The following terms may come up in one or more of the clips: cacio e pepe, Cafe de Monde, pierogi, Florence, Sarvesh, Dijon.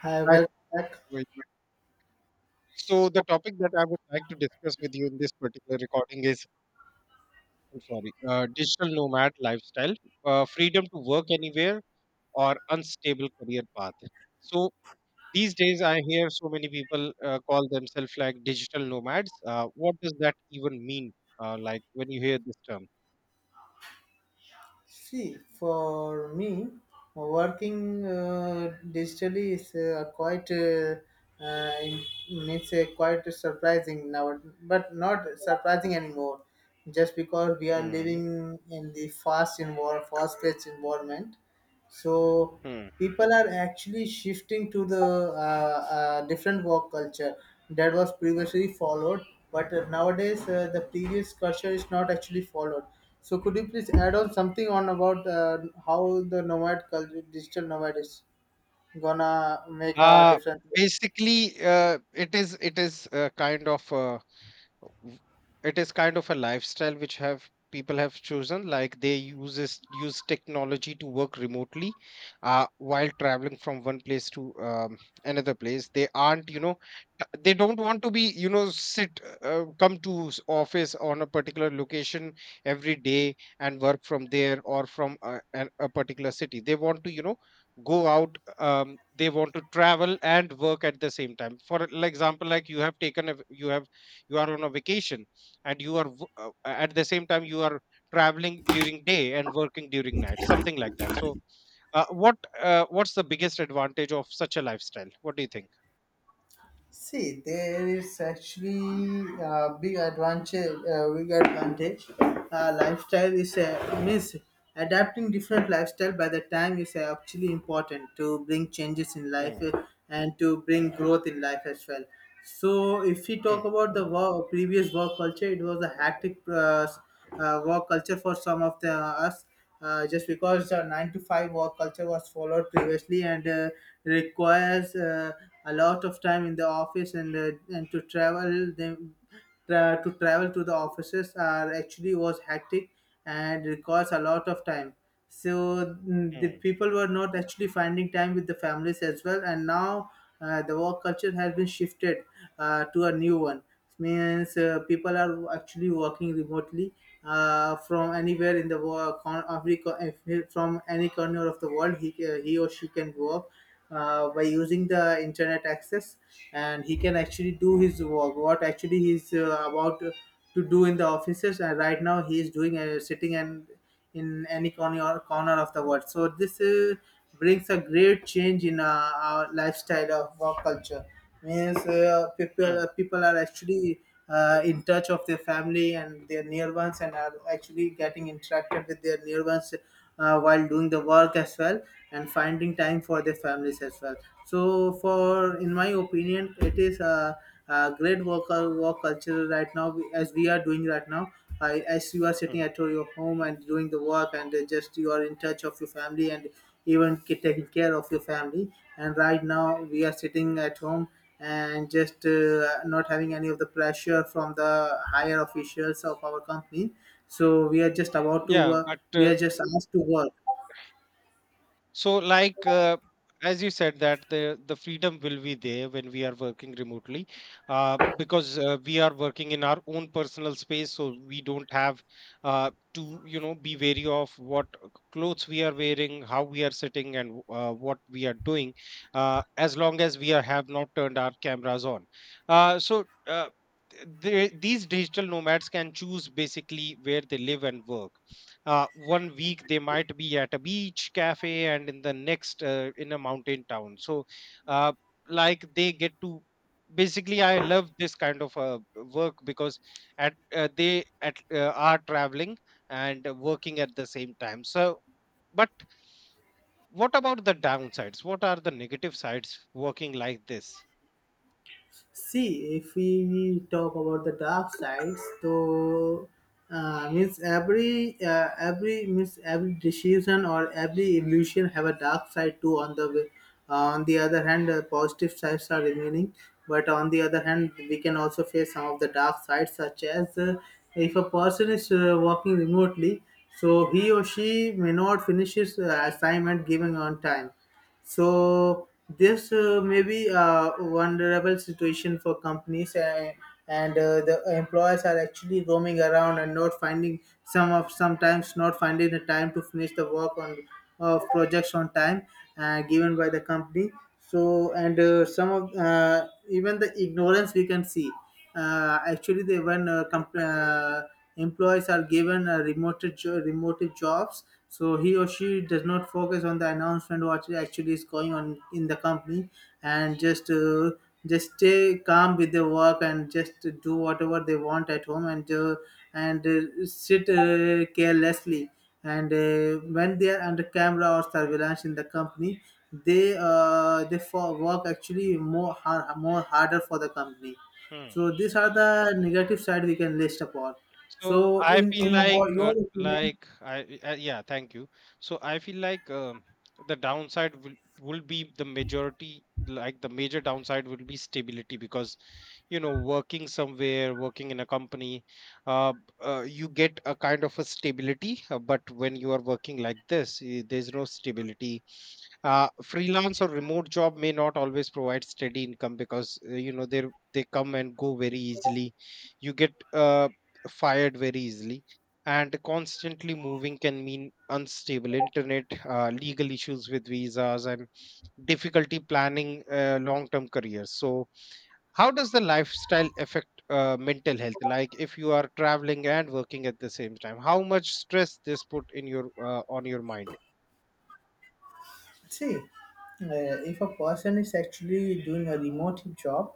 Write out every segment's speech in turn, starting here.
Hi, Hi, welcome back. Sarvesh. So the topic that I would like to discuss with you in this particular recording is, I'm sorry, digital nomad lifestyle, freedom to work anywhere, or unstable career path. So these days, I hear so many people call themselves like digital nomads. What does that even mean? Like when you hear this term? See, for me, working digitally is uh, quite surprising now, but not surprising anymore. Just because we are Hmm. living in the fast involved, fast-paced environment, so Hmm. people are actually shifting to the different work culture that was previously followed, but nowadays the previous culture is not actually followed. So could you please add on something on about how the nomad culture, digital nomad is gonna make a Uh, difference? Basically, it is kind of. It is kind of a lifestyle which have people have chosen, like they use technology to work remotely, while traveling from one place to another place. They aren't, they don't want to be, sit, come to office on a particular location every day and work from there, or from a, a particular city, they want to, go out, they want to travel and work at the same time. For example, like you have taken a, you have, you are on a vacation and you are at the same time you are traveling during day and working during night, something like that. So what's the biggest advantage of such a lifestyle? What do you think? See, there is actually a big advantage. Big advantage. Lifestyle is a means adapting different lifestyle by the time is actually important to bring changes in life Mm, and to bring growth in life as well. So, if we mm, talk about the work, previous work culture, it was a hectic work culture for some of the us just because the 9 to 5 work culture was followed previously and requires a lot of time in the office and to travel them to travel to the offices are actually was hectic and requires a lot of time. So the mm, people were not actually finding time with the families as well, and now the work culture has been shifted to a new one, means people are actually working remotely from anywhere in the world, con- every co- if from any corner of the world, he or she can work by using the internet access, and he can actually do his work what actually he's about to do in the offices, and right now he is doing sitting and in any corner of the world. So this brings a great change in our lifestyle of work culture, means mm, people are actually in touch of their family and their near ones and are actually getting interacted with their near ones while doing the work as well and finding time for their families as well. So for in my opinion it is great work culture right now, as we are doing right now. I as you are sitting mm. at your home and doing the work and just you are in touch of your family and even taking care of your family, and right now we are sitting at home and just not having any of the pressure from the higher officials of our company. So we are just about to Yeah, work, but we are just asked to work. so, like, as you said, that the freedom will be there when we are working remotely, because we are working in our own personal space, so we don't have to, be wary of what clothes we are wearing, how we are sitting, and what we are doing, as long as we are, have not turned our cameras on. Uh, so. Uh, th- they, these digital nomads can choose basically where they live and work. One week they might be at a beach cafe, and in the next in a mountain town. So uh, like they get to basically, I love this kind of work, because at they at are traveling and working at the same time. So but what about the downsides? What are the negative sides working like this? See, if we talk about the dark sides, so means every means every decision or every illusion have a dark side too. On the on the other hand, positive sides are remaining, but on the other hand, we can also face some of the dark sides, such as if a person is working remotely, so he or she may not finish his assignment given on time. So this may be a vulnerable situation for companies, and the employers are actually roaming around and not finding sometimes not finding the time to finish the work on of projects on time given by the company. So and some of even the ignorance we can see. Actually they, when employees are given remote jobs, so he or she does not focus on the announcement what actually is going on in the company and just stay calm with their work and just do whatever they want at home, and sit carelessly, and when they are under camera or surveillance in the company, they for work actually more harder for the company. Hmm. So these are the negative side we can list upon. So So I in feel like, your opinion, like I yeah, thank you. So I feel like, the downside will be the majority, like the major downside will be stability, because you know, working somewhere, working in a company, uh, you get a kind of a stability, but when you are working like this, there's no stability. Freelance or remote job may not always provide steady income, because you know, they come and go very easily. You get fired very easily, and constantly moving can mean unstable internet, legal issues with visas, and difficulty planning, long term careers. So how does the lifestyle affect mental health? Like if you are traveling and working at the same time, how much stress this put in your, on your mind? see, if a person is actually doing a remote job,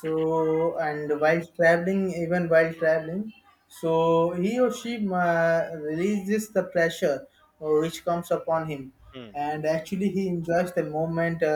so and while traveling, even while traveling, so he or she releases the pressure which comes upon him, Hmm, and actually he enjoys the moment. Uh,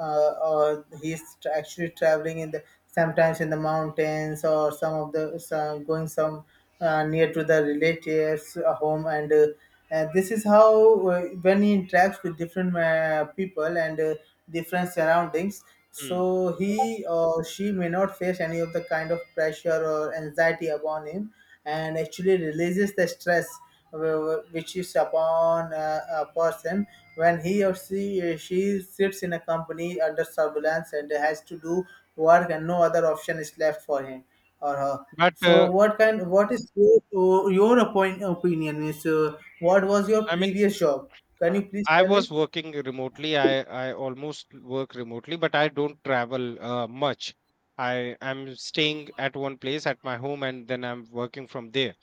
uh, uh, He's actually traveling in the sometimes in the mountains or some of the some, going some near to the relatives home, and this is how when he interacts with different people and different surroundings, hmm. so he or she may not face any of the kind of pressure or anxiety upon him, and actually releases the stress which is upon a person when he or she sits in a company under surveillance and has to do work and no other option is left for him or her. But So what kind? What is your opinion? Is what was your I mean, previous job? Can uh, you please I tell me? was working remotely. I almost work remotely, but I don't travel much. I am staying at one place at my home, and then I'm working from there.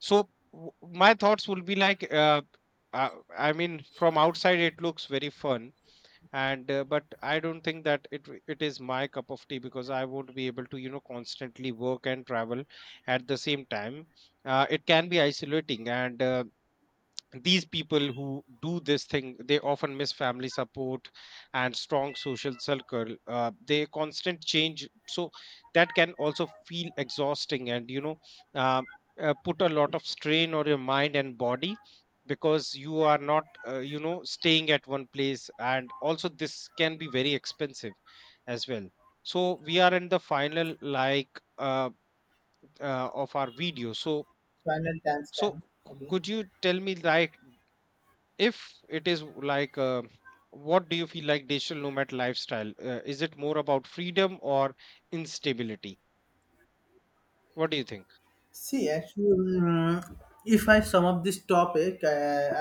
So my thoughts will be like, uh, I mean, from outside it looks very fun, and but I don't think that it is my cup of tea, because I won't be able to, you know, constantly work and travel at the same time. It can be isolating, and these people who do this thing, they often miss family support and strong social circle. They constant change, so that can also feel exhausting, and you know, uh, put a lot of strain on your mind and body, because you are not, you know, staying at one place. And also this can be very expensive as well. So we are in the final, like, uh, of our video. So Final time so stamp. Okay. could you tell me, like, if it is like, what do you feel, like digital nomad lifestyle, is it more about freedom or instability? What do you think? See, actually, mm, if I sum up this topic,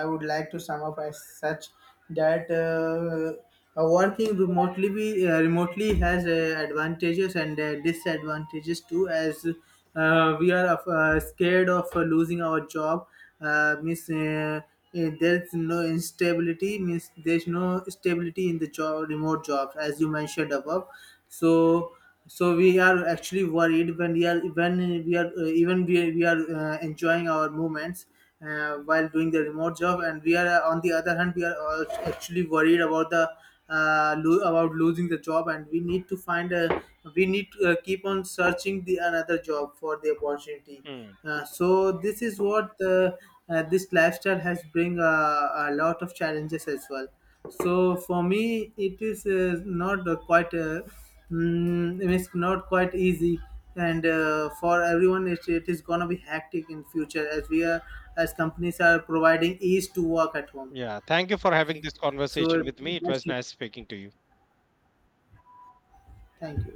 I would like to sum up as such that working remotely remotely has advantages and disadvantages too, as we are of, scared of losing our job. Means there's no instability. Means there's no stability in the job, remote jobs, as you mentioned above. So so we are actually worried when we are, when we are even we are enjoying our movements while doing the remote job, and we are on the other hand we are actually worried about the about losing the job, and we need to keep on searching the another job for the opportunity. Hmm. So this is what this lifestyle has bring a lot of challenges as well. So for me it is not quite mm, it's not quite easy, and for everyone it is going to be hectic in future as we are, as companies are providing ease to work at home. Yeah, thank you for having this So conversation with me. It that's was it. nice speaking to you. Thank you.